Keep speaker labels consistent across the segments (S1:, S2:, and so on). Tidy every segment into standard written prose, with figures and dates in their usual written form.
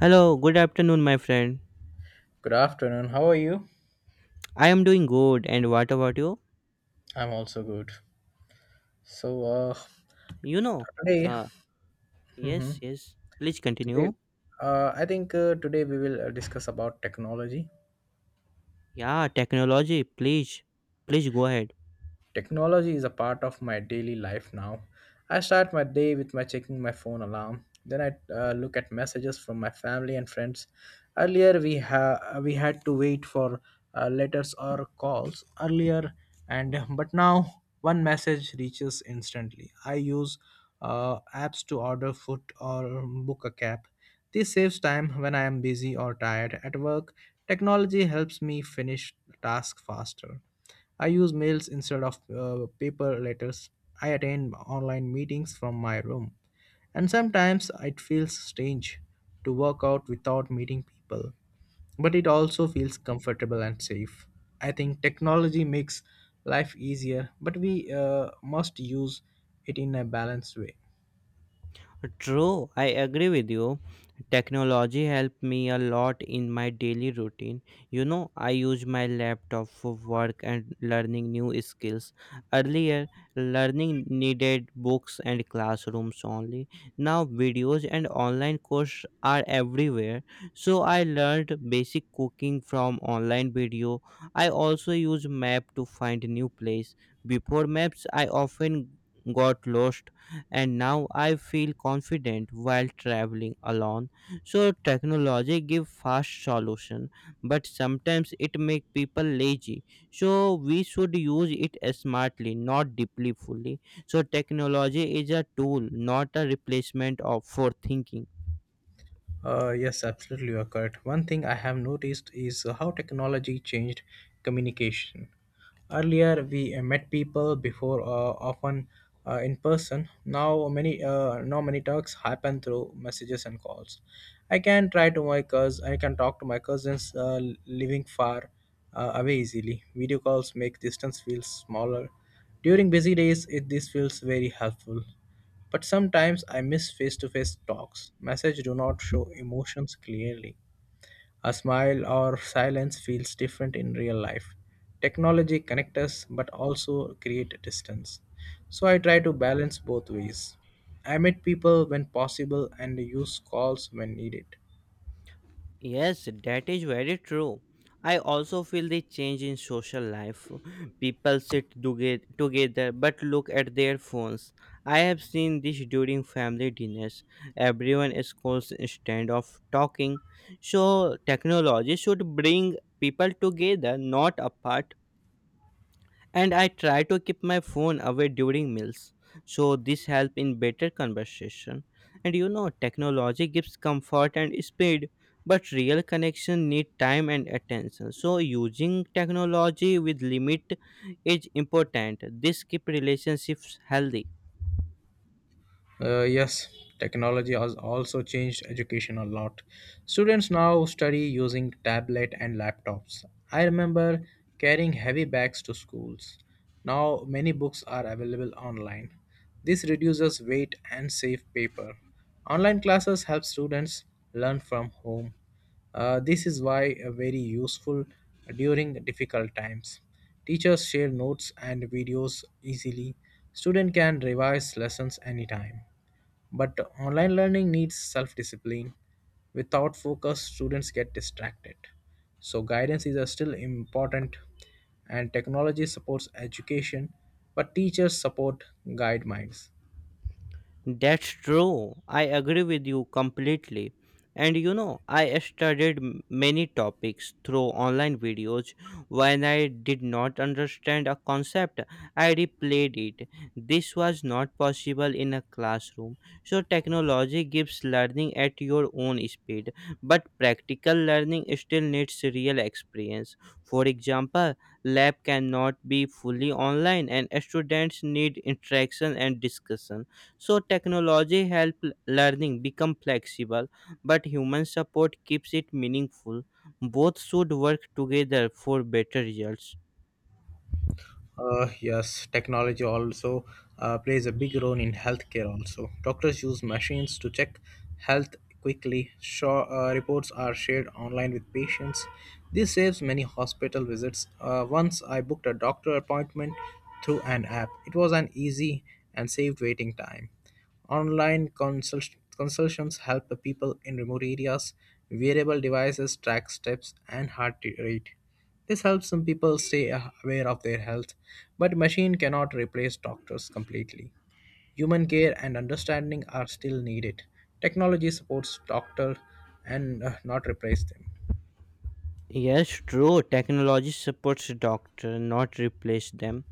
S1: Hello, good afternoon, my friend.
S2: Good afternoon. How are you?
S1: I am doing good, and what about you?
S2: I'm also good. So
S1: You know,
S2: today,
S1: uh,
S2: hmm
S1: yes, yes. Please
S2: today,
S1: continue.
S2: I think today we will discuss about technology.
S1: Yeah, technology. Please, please go ahead.
S2: Technology is a part of my daily life now. I start my day with my checking my phone alarm. Then I look at messages from my family and friends. Earlier we had to wait for letters or calls earlier, and but now one message reaches instantly. I use apps to order food or book a cab. This saves time when I am busy or tired at work. Technology helps me finish tasks faster. I use mails instead of paper letters. I attend online meetings from my room. And sometimes it feels strange to work out without meeting people, but it also feels comfortable and safe. I think technology makes life easier, but we must use it in a balanced way.
S1: True, I agree with you. Technology helped me a lot in my daily routine. You know, I use my laptop for work and learning new skills. Earlier, learning needed books and classrooms only. Now, videos and online courses are everywhere. So, I learned basic cooking from online video. I also use map to find new place. Before maps, I often got lost and now I feel confident while traveling alone. So technology give fast solution, but sometimes it make people lazy. So we should use it smartly, not deeply fully. So technology is a tool, not a replacement of for thinking.
S2: Yes, absolutely, you are correct. One thing I have noticed is how technology changed communication. Earlier, we met people before, often in person. Now many talks happen through messages and calls. I can talk to my cousins living far away easily. Video calls make distance feel smaller. During busy days, this feels very helpful. But sometimes I miss face-to-face talks. Messages do not show emotions clearly. A smile or silence feels different in real life. Technology connects us but also create a distance. So I try to balance both ways. I meet people when possible and use calls when needed.
S1: Yes, that is very true. I also feel the change in social life. People sit together but look at their phones. I have seen this during family dinners. Everyone is constant of talking. So technology should bring people together, not apart and I try to keep my phone away during meals. So this helps in better conversation. And you know, technology gives comfort and speed, but real connection need time and attention. So using technology with limit is important. This keep relationships healthy.
S2: Yes, technology has also changed education a lot. Students now study using tablet and laptops. I remember carrying heavy bags to schools. Now many books are available online. This reduces weight and saves paper. Online classes help students learn from home. This is why very useful during difficult times. Teachers share notes and videos easily. Student can revise lessons anytime. But online learning needs self-discipline. Without focus, students get distracted. So guidance is still important, and technology supports education, but teachers support guide minds.
S1: That's true. I agree with you completely. And you know, I studied many topics through online videos. When I did not understand a concept, I replayed it. This was not possible in a classroom. So, technology gives learning at your own speed, but practical learning still needs real experience. For example, lab cannot be fully online, and students need interaction and discussion so technology help learning become flexible, but human support keeps it meaningful. Both should work together for better results.
S2: Yes, technology also plays a big role in healthcare. Also, doctors use machines to check health quickly. Sure, reports are shared online with patients. This saves many hospital visits. Once I booked a doctor appointment through an app. It was an easy and saved waiting time. Online consultations help the people in remote areas. Wearable devices track steps and heart rate. This helps some people stay aware of their health, but machine cannot replace doctors completely. Human care and understanding are still needed. Technology supports doctor and not replace them.
S1: Yes, true. Technology supports doctor, not replace them.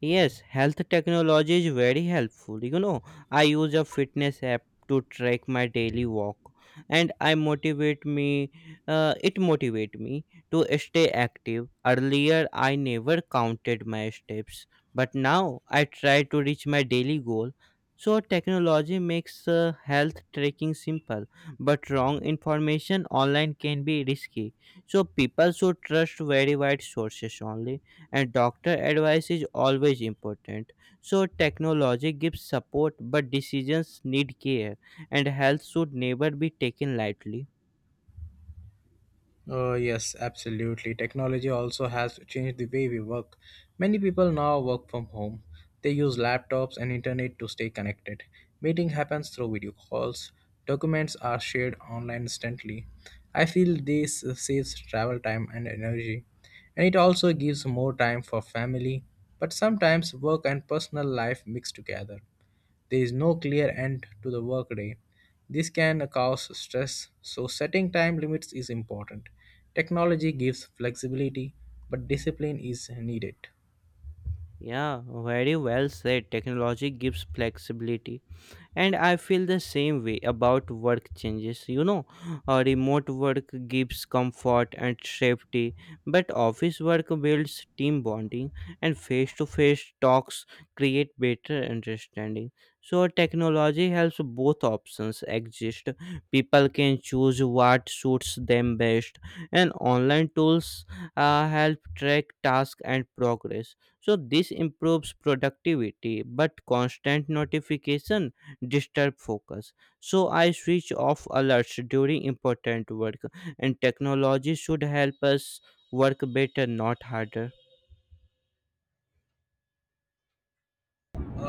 S1: Yes, health technology is very helpful. You know, I use a fitness app to track my daily walk and I motivate me it motivate me to stay active. Earlier I never counted my steps, but now I try to reach my daily goal. So technology makes health tracking simple, but wrong information online can be risky. So people should trust verified sources only and doctor advice is always important so technology gives support but decisions need care and health should never be taken lightly.
S2: Yes, absolutely. Technology also has changed the way we work. Many people now work from home. They use laptops and internet to stay connected. Meeting happens through video calls. Documents are shared online instantly. I feel this saves travel time and energy. And it also gives more time for family. But sometimes work and personal life mix together. There is no clear end to the workday. This can cause stress, so setting time limits is important. Technology gives flexibility, but discipline is needed.
S1: Yeah, very well said. Technology gives flexibility and I feel the same way about work changes. You know, remote work gives comfort and safety but office work builds team bonding and face to face talks create better understanding so technology helps both options exist. People can choose what suits them best and online tools help track tasks and progress so this improves productivity but constant notification disturb focus. So I switch off alerts during important work, and technology should help us work better, not harder.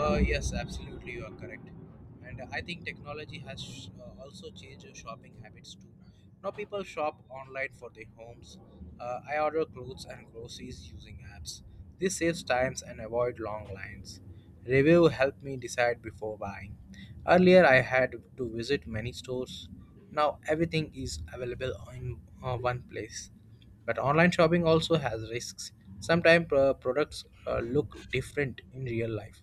S2: Yes, absolutely, you are correct. And I think technology has also changed your shopping habits too. Now people shop online for their homes. I order clothes and groceries using apps. This saves times and avoid long lines. Review help me decide before buying. Earlier I had to visit many stores. Now everything is available in one place. But online shopping also has risks. Sometimes products look different in real life.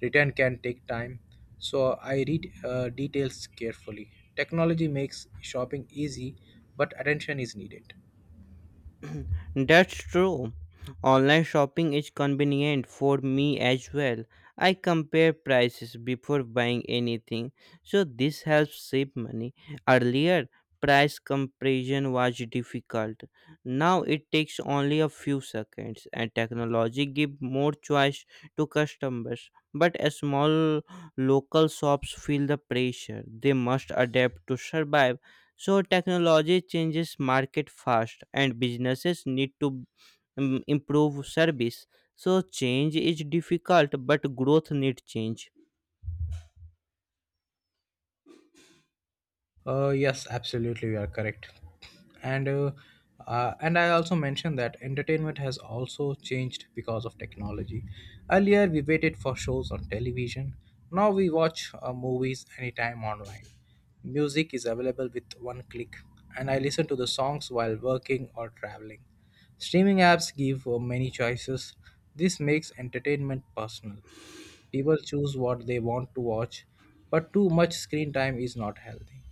S2: Return can take time, so I read details carefully. Technology makes shopping easy, but attention is needed.
S1: That's true. Online shopping is convenient for me as well. I compare prices before buying anything, so this helps save money. Earlier, price comparison was difficult. Now it takes only a few seconds, and technology gives more choice to customers. But small local shops feel the pressure. They must adapt to survive. So technology changes market fast and businesses need to improve service. So change is difficult but growth need change.
S2: Yes, absolutely, you are correct. And uh, and I also mentioned that entertainment has also changed because of technology. Earlier, we waited for shows on television. Now we watch movies anytime online. Music is available with one click, and I listen to the songs while working or traveling. Streaming apps give many choices. This makes entertainment personal. People choose what they want to watch, but too much screen time is not healthy.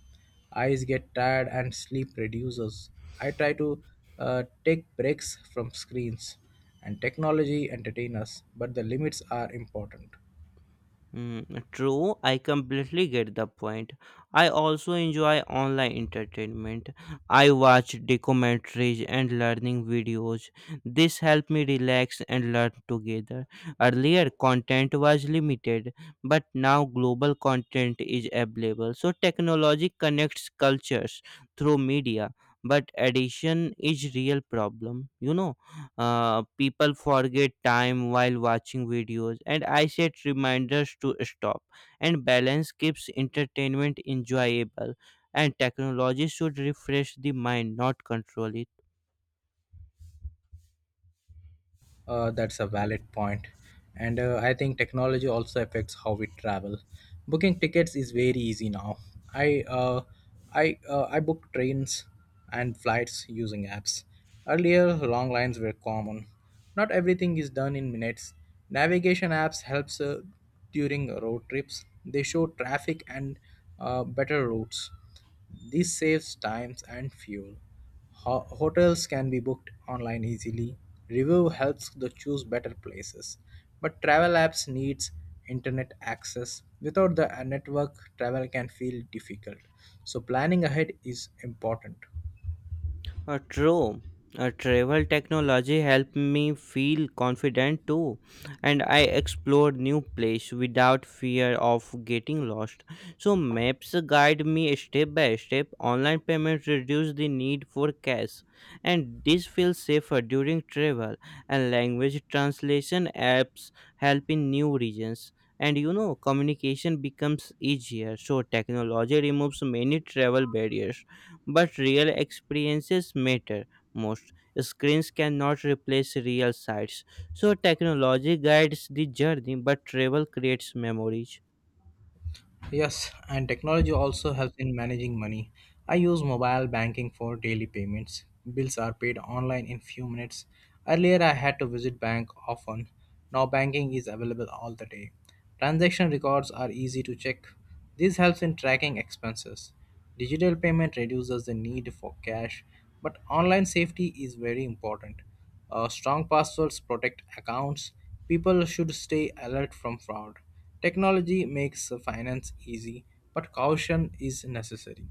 S2: Eyes get tired and sleep reduces. I try to take breaks from screens, and technology entertain us, but the limits are important.
S1: True, I completely get the point. I also enjoy online entertainment. I watch documentaries and learning videos. This help me relax and learn together. Earlier, content was limited, but now global content is available. So technology connects cultures through media, but addiction is real problem. You know. People forget time while watching videos, and I set reminders to stop. And balance keeps entertainment enjoyable, and technology should refresh the mind, not control it.
S2: That's a valid point. And I think technology also affects how we travel. Booking tickets is very easy now. I uh, I book trains and flights using apps. Earlier, long lines were common. Not everything is done in minutes. Navigation apps helps during road trips. They show traffic and better routes. This saves time and fuel. Hotels can be booked online easily. Review helps to choose better places. But travel apps needs internet access. Without the network, travel can feel difficult. So planning ahead is important.
S1: True. Travel technology helped me feel confident too, and I explored new place without fear of getting lost. So maps guide me step by step. Online payments reduce the need for cash, and this feels safer during travel. And language translation apps help in new regions. And you know, communication becomes easier. So technology removes many travel barriers but real experiences matter most. Screens cannot replace real sights. So technology guides the journey, but travel creates memories.
S2: Yes, and technology also helps in managing money. I use mobile banking for daily payments. Bills are paid online in few minutes. Earlier I had to visit bank often. Now banking is available all the day. Transaction records are easy to check. This helps in tracking expenses. Digital payment reduces the need for cash, but online safety is very important. Strong passwords protect accounts. People should stay alert from fraud. Technology makes finance easy, but caution is necessary.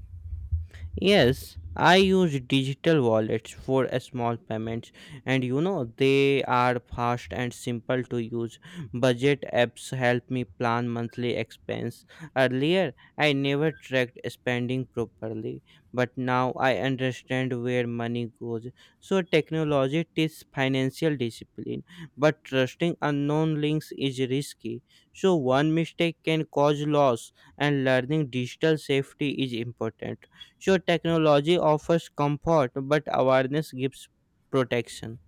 S1: Yes, I use digital wallets for small payments, and you know they are fast and simple to use. Budget apps help me plan monthly expense. Earlier, I never tracked spending properly, but now I understand where money goes. So, technology teaches financial discipline, but trusting unknown links is risky. So, one mistake can cause loss, and learning digital safety is important. Sure, technology offers comfort, but awareness gives protection.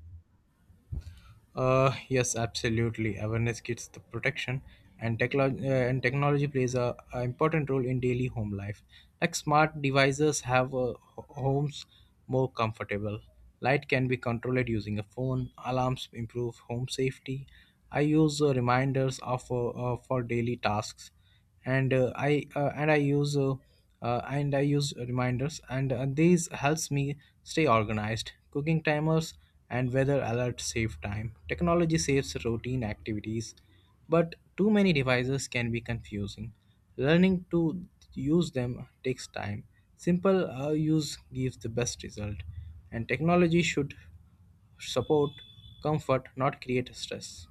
S2: Yes, absolutely. Awareness gets the protection, and technology plays a important role in daily home life. Like smart devices have homes more comfortable. Light can be controlled using a phone. Alarms improve home safety. I use reminders for daily tasks. and uh, i uh, and i use uh, and I use reminders and these helps me stay organized. Cooking timers and weather alerts save time. Technology saves routine activities, but too many devices can be confusing. Learning to use them takes time. Simple use gives the best result, and technology should support comfort, not create stress.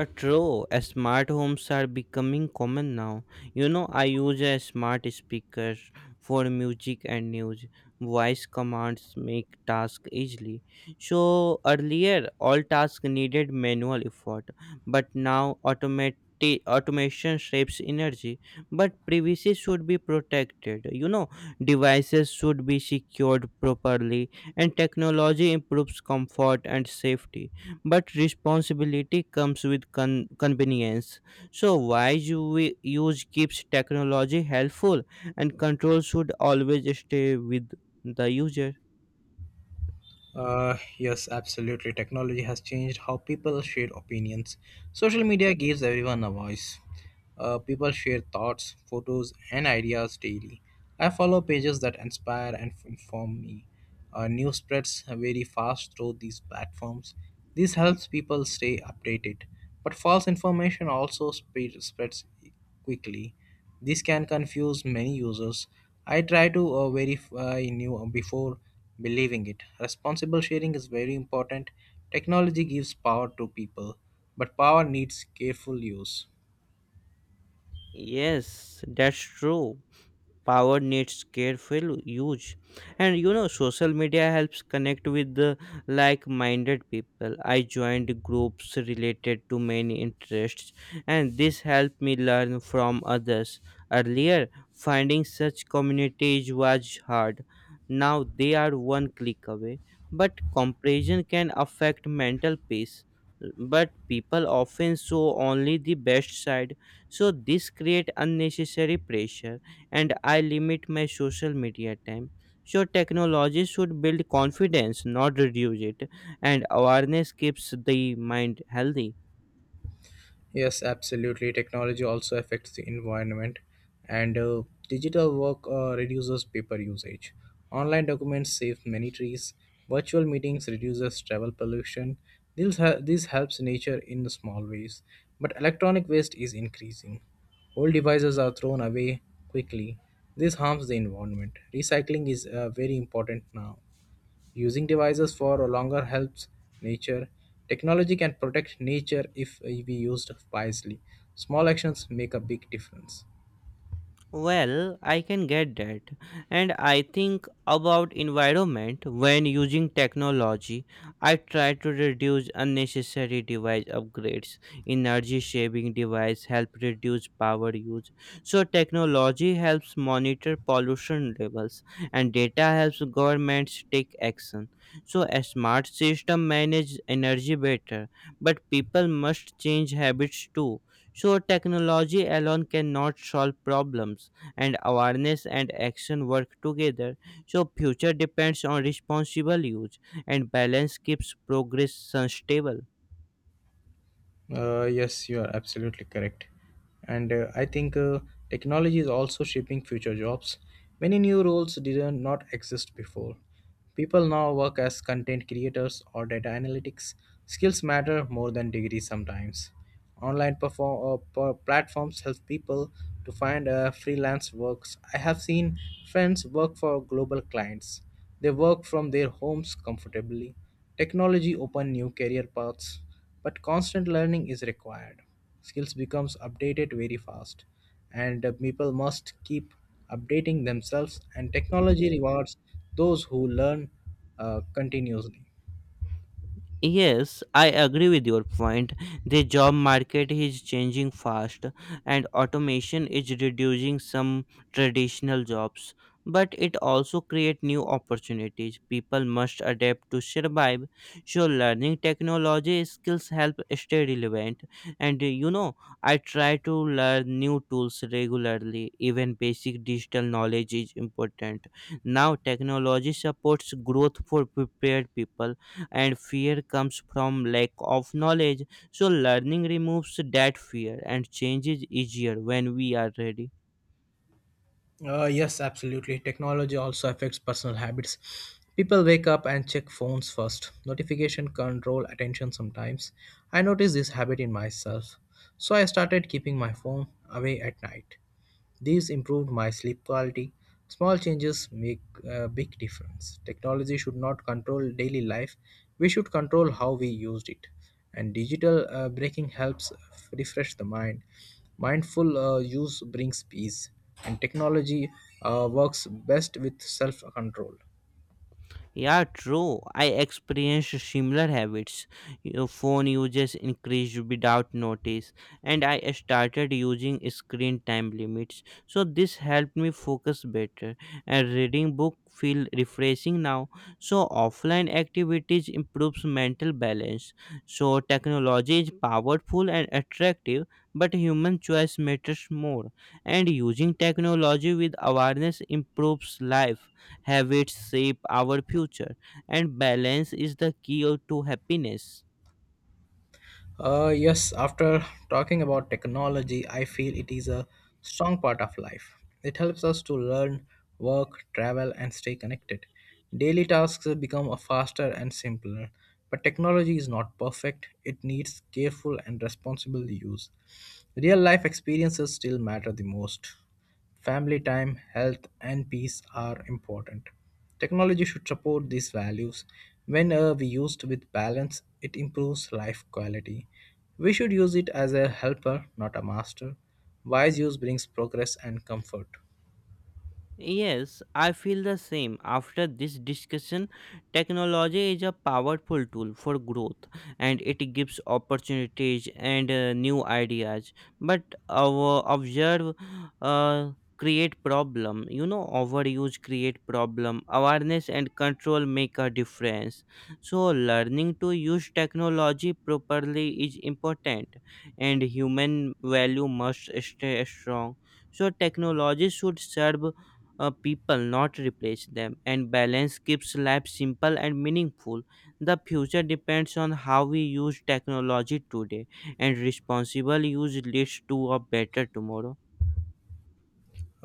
S1: True, smart homes are becoming common now. You know, I use a smart speaker for music and news. Voice commands make tasks easily. So earlier, all tasks needed manual effort, but now automate automation saves energy but privacy should be protected. You know, devices should be secured properly and technology improves comfort and safety but responsibility comes with convenience so wise use keeps technology helpful and control should always stay with the user.
S2: Yes, absolutely. Technology has changed how people share opinions. Social media gives everyone a voice. People share thoughts, photos, and ideas daily. I follow pages that inspire and inform me. News spreads very fast through these platforms. This helps people stay updated. But false information also spreads quickly. This can confuse many users. I try to verify new before believing it. Responsible sharing is very important. Technology gives power to people, but power needs careful use.
S1: Yes, that's true. Power needs careful use and you know social media helps connect with the like-minded people. I joined groups related to many interests and this helped me learn from others. Earlier, finding such communities was hard. Now, they are one click away, but comparison can affect mental peace. But people often show only the best side, so this create unnecessary pressure and I limit my social media time. So technology should build confidence, not reduce it, and awareness keeps the mind healthy.
S2: Yes, absolutely. Technology also affects the environment, and digital work reduces paper usage. Online documents save many trees. Virtual meetings reduces travel pollution. This helps nature in small ways, but electronic waste is increasing. Old devices are thrown away quickly. This harms the environment. Recycling is very important now. Using devices for longer helps nature. Technology can protect nature if we used wisely. Small actions make a big difference.
S1: Well, I can get that. And I think about environment when using technology. I try to reduce unnecessary device upgrades. Energy saving device help reduce power use. So technology helps monitor pollution levels and data helps governments take action. So a smart system manage energy better, but people must change habits too so technology alone cannot solve problems, and awareness and action work together. So future depends on responsible use, and balance keeps progress sustainable.
S2: Yes, you are absolutely correct. And I think technology is also shaping future jobs. Many new roles did not exist before. People now work as content creators or data analytics. Skills matter more than degrees sometimes. Online platforms help people to find freelance works. I have seen friends work for global clients. They work from their homes comfortably. Technology open new career paths, but constant learning is required. Skills becomes updated very fast, and people must keep updating themselves, and technology rewards those who learn continuously.
S1: Yes, I agree with your point. The job market is changing fast and automation is reducing some traditional jobs, but it also creates new opportunities. People must adapt to survive. So learning technology skills help stay relevant and you know, I try to learn new tools regularly. Even basic digital knowledge is important. Now technology supports growth for prepared people and fear comes from lack of knowledge so learning removes that fear and change is easier when we are ready.
S2: Yes, absolutely. Technology also affects personal habits. People wake up and check phones first. Notification control attention sometimes. I noticed this habit in myself, so I started keeping my phone away at night. These improved my sleep quality. Small changes make a big difference. Technology should not control daily life, we should control how we used it. And digital breaking helps refresh the mind. Mindful use brings peace, and technology works best with self control.
S1: Yeah, true. I experienced similar habits. Your phone uses increased without notice, and I started using screen time limits. So this helped me focus better, and reading book feel refreshing now. So offline activities improves mental balance. So technology is powerful and attractive, but human choice matters more. And using technology with awareness improves life. Habits shape our future and balance is the key to happiness.
S2: Yes, after talking about technology, I feel it is a strong part of life. It helps us to learn, work, travel, and stay connected. Daily tasks become a faster and simpler, but technology is not perfect. It needs careful and responsible use. Real life experiences still matter the most. Family time, health, and peace are important. Technology should support these values. When we used with balance, it improves life quality. We should use it as a helper, not a master. Wise use brings progress and comfort.
S1: Yes, I feel the same. After this discussion, technology is a powerful tool for growth and it gives opportunities and new ideas. But our observe uh, Create problem. You know, overuse create problem. Awareness and control make a difference. So learning to use technology properly is important and human value must stay strong. So technology should serve people, not replace them. And balance keeps life simple and meaningful. The future depends on how we use technology today, and responsible use leads to a better tomorrow.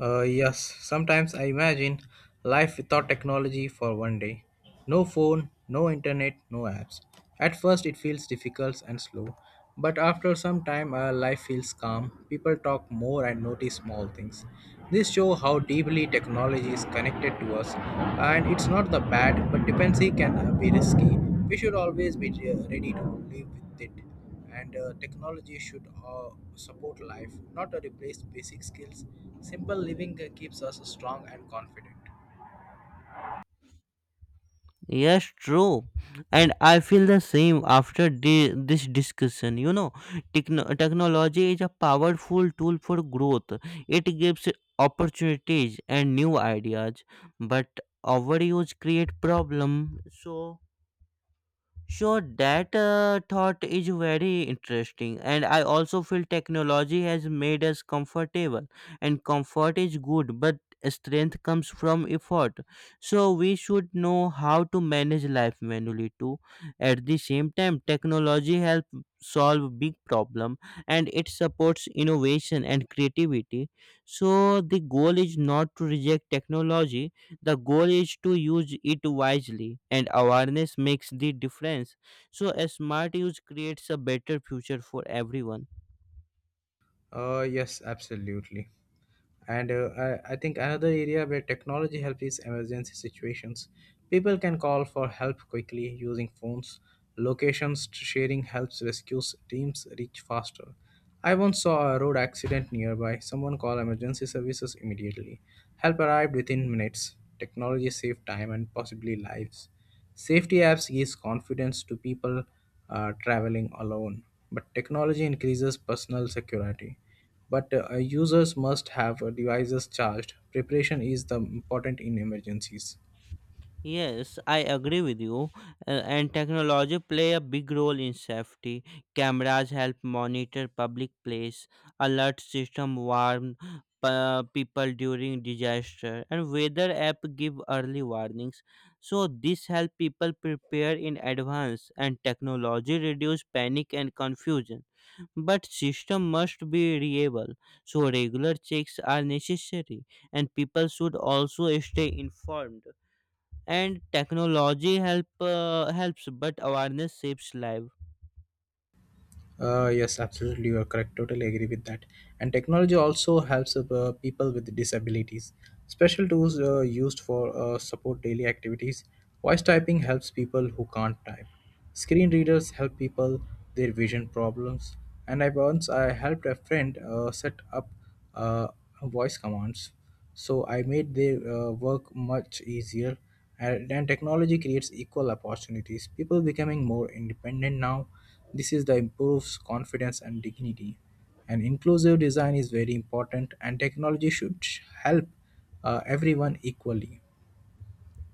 S2: Yes, sometimes I imagine life without technology for one day. No phone, no internet, no apps. At first, it feels difficult and slow, but after some time, life feels calm. People talk more and notice small things. This shows how deeply technology is connected to us, and it's not the bad, but dependency can be risky. We should always be ready to live with it and technology should support life, not replace basic skills. Simple living keeps us strong and confident.
S1: Yes, true. And I feel the same after this discussion. You know, technology is a powerful tool for growth, it gives opportunities and new ideas, but overuse create problem so. Sure, that thought is very interesting, and I also feel technology has made us comfortable, and comfort is good, but strength comes from effort. So we should know how to manage life manually too. At the same time, technology helps solve big problem, and it supports innovation and creativity. So the goal is not to reject technology, the goal is to use it wisely and awareness makes the difference so a smart use creates a better future for everyone.
S2: Yes, absolutely. And I think another area where technology helps is emergency situations. People can call for help quickly using phones. Locations sharing helps rescue teams reach faster. I once saw a road accident nearby. Someone called emergency services immediately. Help arrived within minutes. Technology saved time and possibly lives. Safety apps gives confidence to people traveling alone, but technology increases personal security, but users must have devices charged. Preparation is the important in emergencies.
S1: Yes, I agree with you. And technology play a big role in safety. Cameras help monitor public place, alert system warn people during disaster, and weather app give early warnings. So this help people prepare in advance, and technology reduce panic and confusion. But system must be reliable, so regular checks are necessary, and people should also stay informed and technology helps but awareness shapes life.
S2: Yes, absolutely, you are correct. Totally agree with that. And technology also helps people with disabilities. Special tools used for support daily activities. Voice typing helps people who can't type. Screen readers help people their vision problems. And I once I helped a friend set up uh, voice commands, so I made their work much easier. And technology creates equal opportunities. People becoming more independent now, this is the improves confidence and dignity. And inclusive design is very important, and technology should help everyone equally.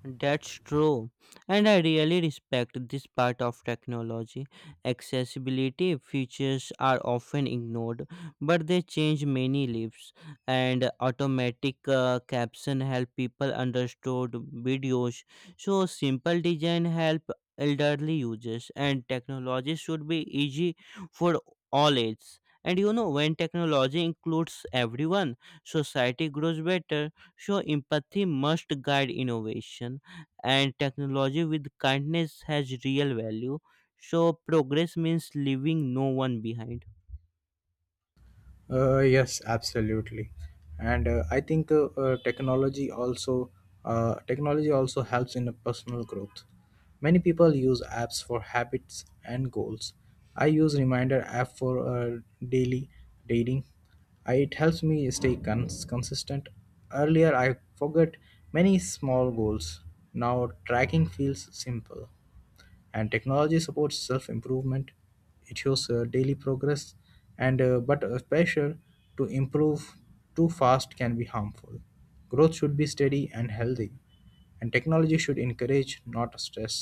S1: That's true. And I really respect this part of technology. Accessibility features are often ignored, but they change many lives. And automatic caption help people understood videos. So simple design help elderly users and technology should be easy for all ages. And you know when technology includes everyone, society grows better. So, empathy must guide innovation, and technology with kindness has real value. So, progress means leaving no one behind.
S2: Yes, absolutely, and I think technology also helps in a personal growth. Many people use apps for habits and goals. I use reminder app for daily dating. I, it helps me stay consistent. Earlier, I forget many small goals. Now tracking feels simple, and technology supports self-improvement. It shows daily progress, and but a pressure to improve too fast can be harmful. Growth should be steady and healthy, and technology should encourage, not stress.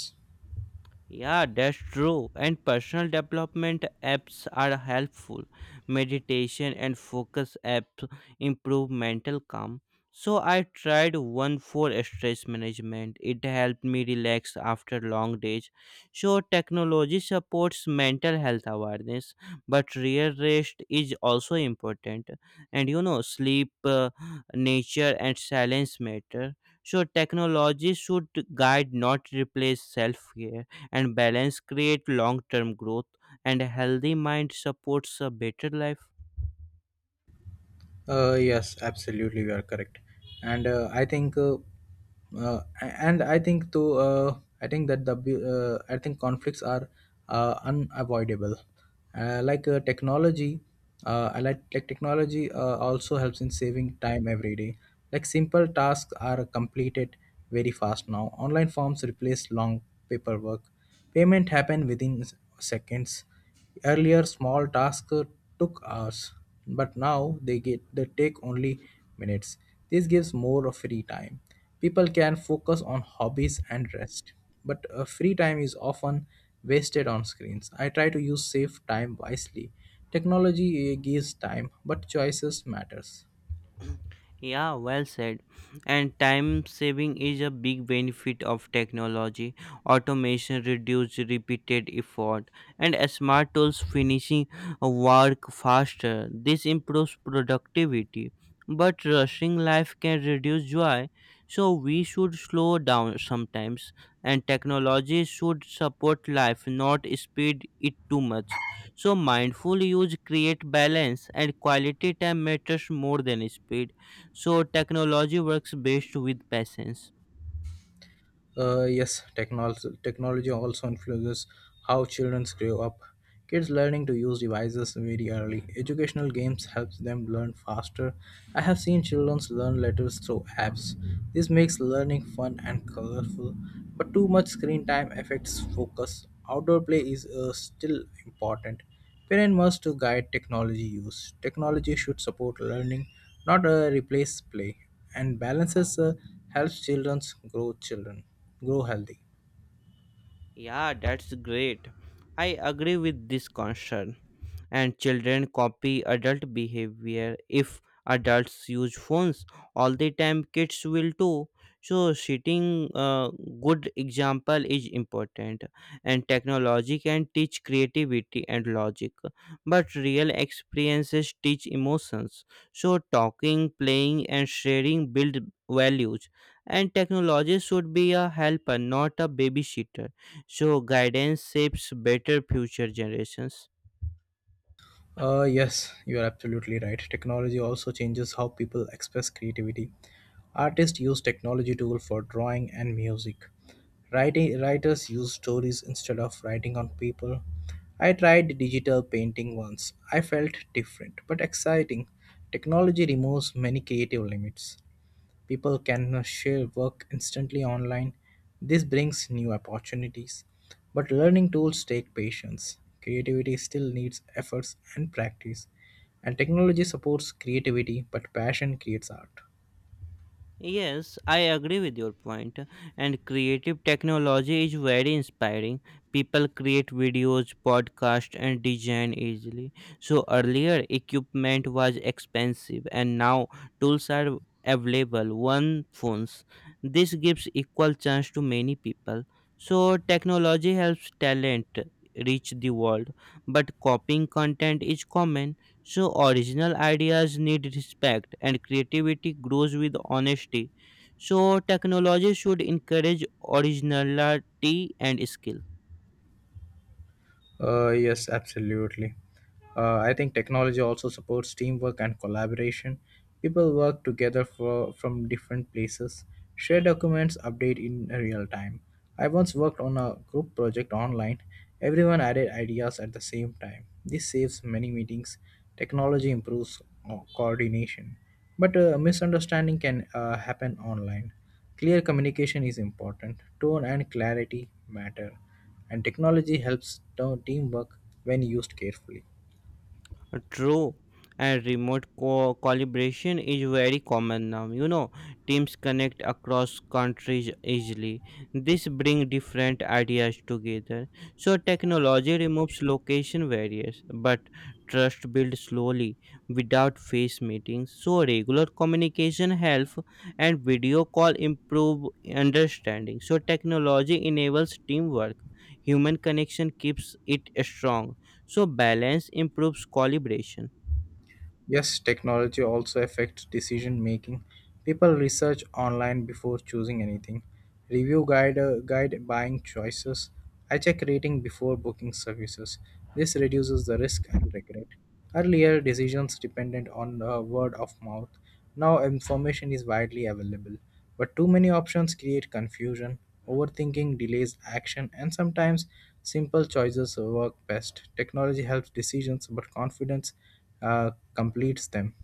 S1: Yeah, that's true. And personal development apps are helpful. Meditation and focus apps improve mental calm. So I tried one for stress management. It helped me relax after long days. So technology supports mental health awareness, but real rest is also important. And you know, sleep, nature, and silence matter. So technology should guide, not replace self care, and balance create long-term growth, and a healthy mind supports a better life.
S2: Yes, absolutely, you are correct, and I think, and I think too, I think that the I think conflicts are unavoidable. Like technology, I like technology also helps in saving time every day. Like simple tasks are completed very fast now. Online forms replace long paperwork. Payment happen within seconds. Earlier, small tasks took hours, but now they take only minutes. This gives more of free time. People can focus on hobbies and rest, but free time is often wasted on screens. I try to use safe time wisely. Technology gives time, but choices matters.
S1: Yeah, well said. And time saving is a big benefit of technology. Automation reduces repeated effort, and smart tools finishing work faster. This improves productivity. But rushing life can reduce joy, so we should slow down sometimes. And technology should support life, not speed it too much. So mindful use create balance, and quality time matters more than speed. So technology works best with patience.
S2: Yes, technology also influences how children grow up. Kids learning to use devices very early. Educational games helps them learn faster. I have seen children learn letters through apps. This makes learning fun and colorful, but too much screen time affects focus. Outdoor play is still important. Parents must to guide technology use. Technology should support learning, not replace play, and balances helps children grow healthy.
S1: Yeah, that's great. I agree with this concern. And children copy adult behavior. If adults use phones all the time, kids will too. So setting a good example is important, and technology can teach creativity and logic, but real experiences teach emotions. So talking, playing, and sharing build values, and technology should be a helper, not a babysitter. So guidance shapes better future generations.
S2: Yes, you are absolutely right. Technology also changes how people express creativity. Artists use technology tool for drawing and music. Writing Writers use stories instead of writing on paper. I tried digital painting once. I felt different but exciting. Technology removes many creative limits. People can share work instantly online. This brings new opportunities. But learning tools take patience. Creativity still needs efforts and practice. And technology supports creativity, but passion creates art.
S1: Yes, I agree with your point. And creative technology is very inspiring. People create videos, podcasts, and design easily. So earlier, equipment was expensive, and now tools are available. One phones. This gives equal chance to many people. So technology helps talent reach the world, but copying content is common. So, original ideas need respect, and creativity grows with honesty. So, technology should encourage originality and skill.
S2: Yes, absolutely. I think technology also supports teamwork and collaboration. People work together for, from different places, share documents, update in real time. I once worked on a group project online. Everyone added ideas at the same time. This saves many meetings. Technology improves coordination. But misunderstanding can happen online. Clear communication is important. Tone and clarity matter, and technology helps teamwork when used carefully.
S1: True, and remote collaboration is very common now. You know, teams connect across countries easily. This brings different ideas together. So technology removes location barriers, but trust builds slowly without face meetings. So regular communication helps, and video call improve understanding. So technology enables teamwork. Human connection keeps it strong, so balance improves collaboration.
S2: Yes, technology also affects decision making. People research online before choosing anything, review guide buying choices. I check rating before booking services. This reduces the risk and regret. Earlier, decisions depended on the word of mouth. Now, information is widely available. But too many options create confusion, overthinking delays action, and sometimes simple choices work best. Technology helps decisions, but confidence completes them.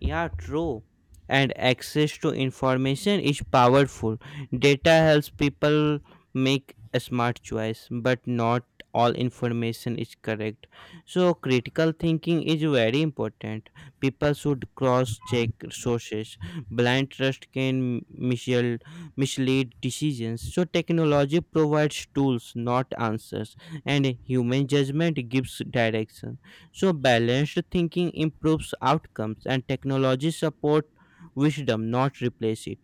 S1: Yeah, true. And access to information is powerful. Data helps people make a smart choice, but not all information is correct. So critical thinking is very important. People should cross check sources. Blind trust can mislead decisions. So technology provides tools, not answers, and human judgment gives direction. So, balanced thinking improves outcomes, and technology support wisdom, not replace it.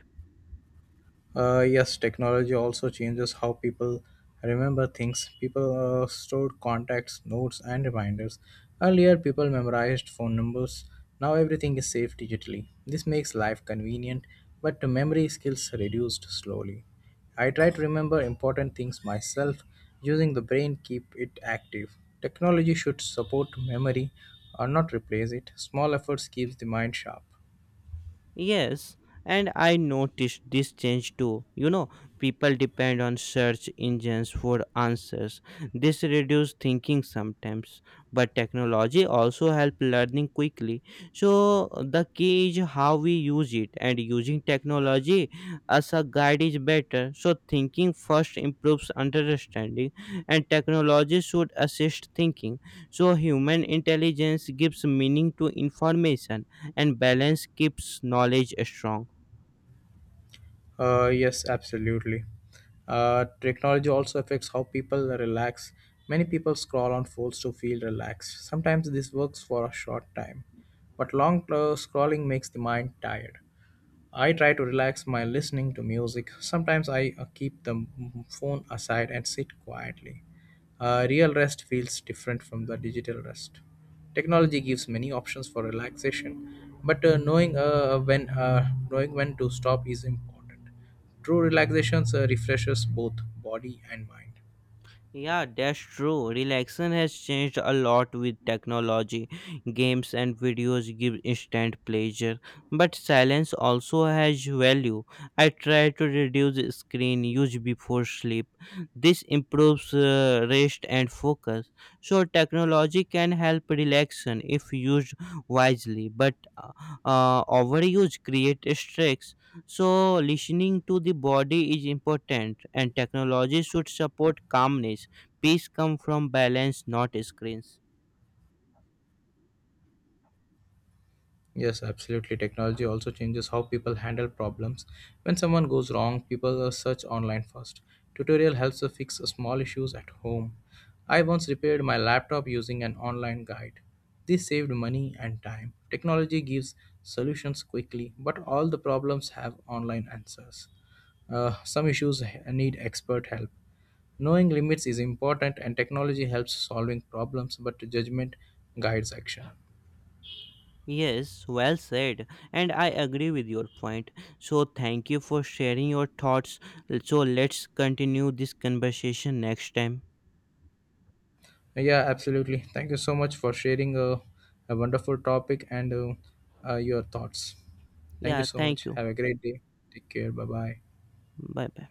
S2: Yes, technology also changes how people remember things. People stored contacts, notes, and reminders. Earlier, people memorized phone numbers. Now, everything is saved digitally. This makes life convenient, but the memory skills reduced slowly. I try to remember important things myself using the brain, keep it active. Technology should support memory or not replace it. Small efforts keeps the mind sharp.
S1: Yes, and I noticed this change too. You know, people depend on search engines for answers. This reduces thinking sometimes, but technology also helps learning quickly. So the key is how we use it, and using technology as a guide is better. So thinking first improves understanding, and technology should assist thinking. So human intelligence gives meaning to information, and balance keeps knowledge strong.
S2: Yes, absolutely. Technology also affects how people relax. Many people scroll on phones to feel relaxed. Sometimes this works for a short time, but long scrolling makes the mind tired. I try to relax by listening to music. Sometimes I keep the phone aside and sit quietly. Real rest feels different from the digital rest. Technology gives many options for relaxation, but knowing when to stop is important. True relaxation refreshes both body and mind.
S1: Yeah, that's true. Relaxation has changed a lot with technology. Games and videos give instant pleasure, but silence also has value. I try to reduce screen use before sleep. This improves rest and focus. So, technology can help relaxation if used wisely, but overuse creates stress. So, listening to the body is important, and technology should support calmness. Peace comes from balance, not screens.
S2: Yes, absolutely. Technology also changes how people handle problems. When someone goes wrong, people search online first. Tutorial helps to fix small issues at home. I once repaired my laptop using an online guide. This saved money and time. Technology gives solutions quickly, but all the problems have online answers. Some issues need expert help. Knowing limits is important, and technology helps solving problems, but judgment guides action.
S1: Yes, well said, and I agree with your point. So, thank you for sharing your thoughts. So, let's continue this conversation next time.
S2: Yeah, absolutely. Thank you so much for sharing a wonderful topic and your thoughts. Thank you
S1: Yeah,
S2: so
S1: thank
S2: much.
S1: you.
S2: Have a great day. Take care. Bye bye.
S1: Bye bye.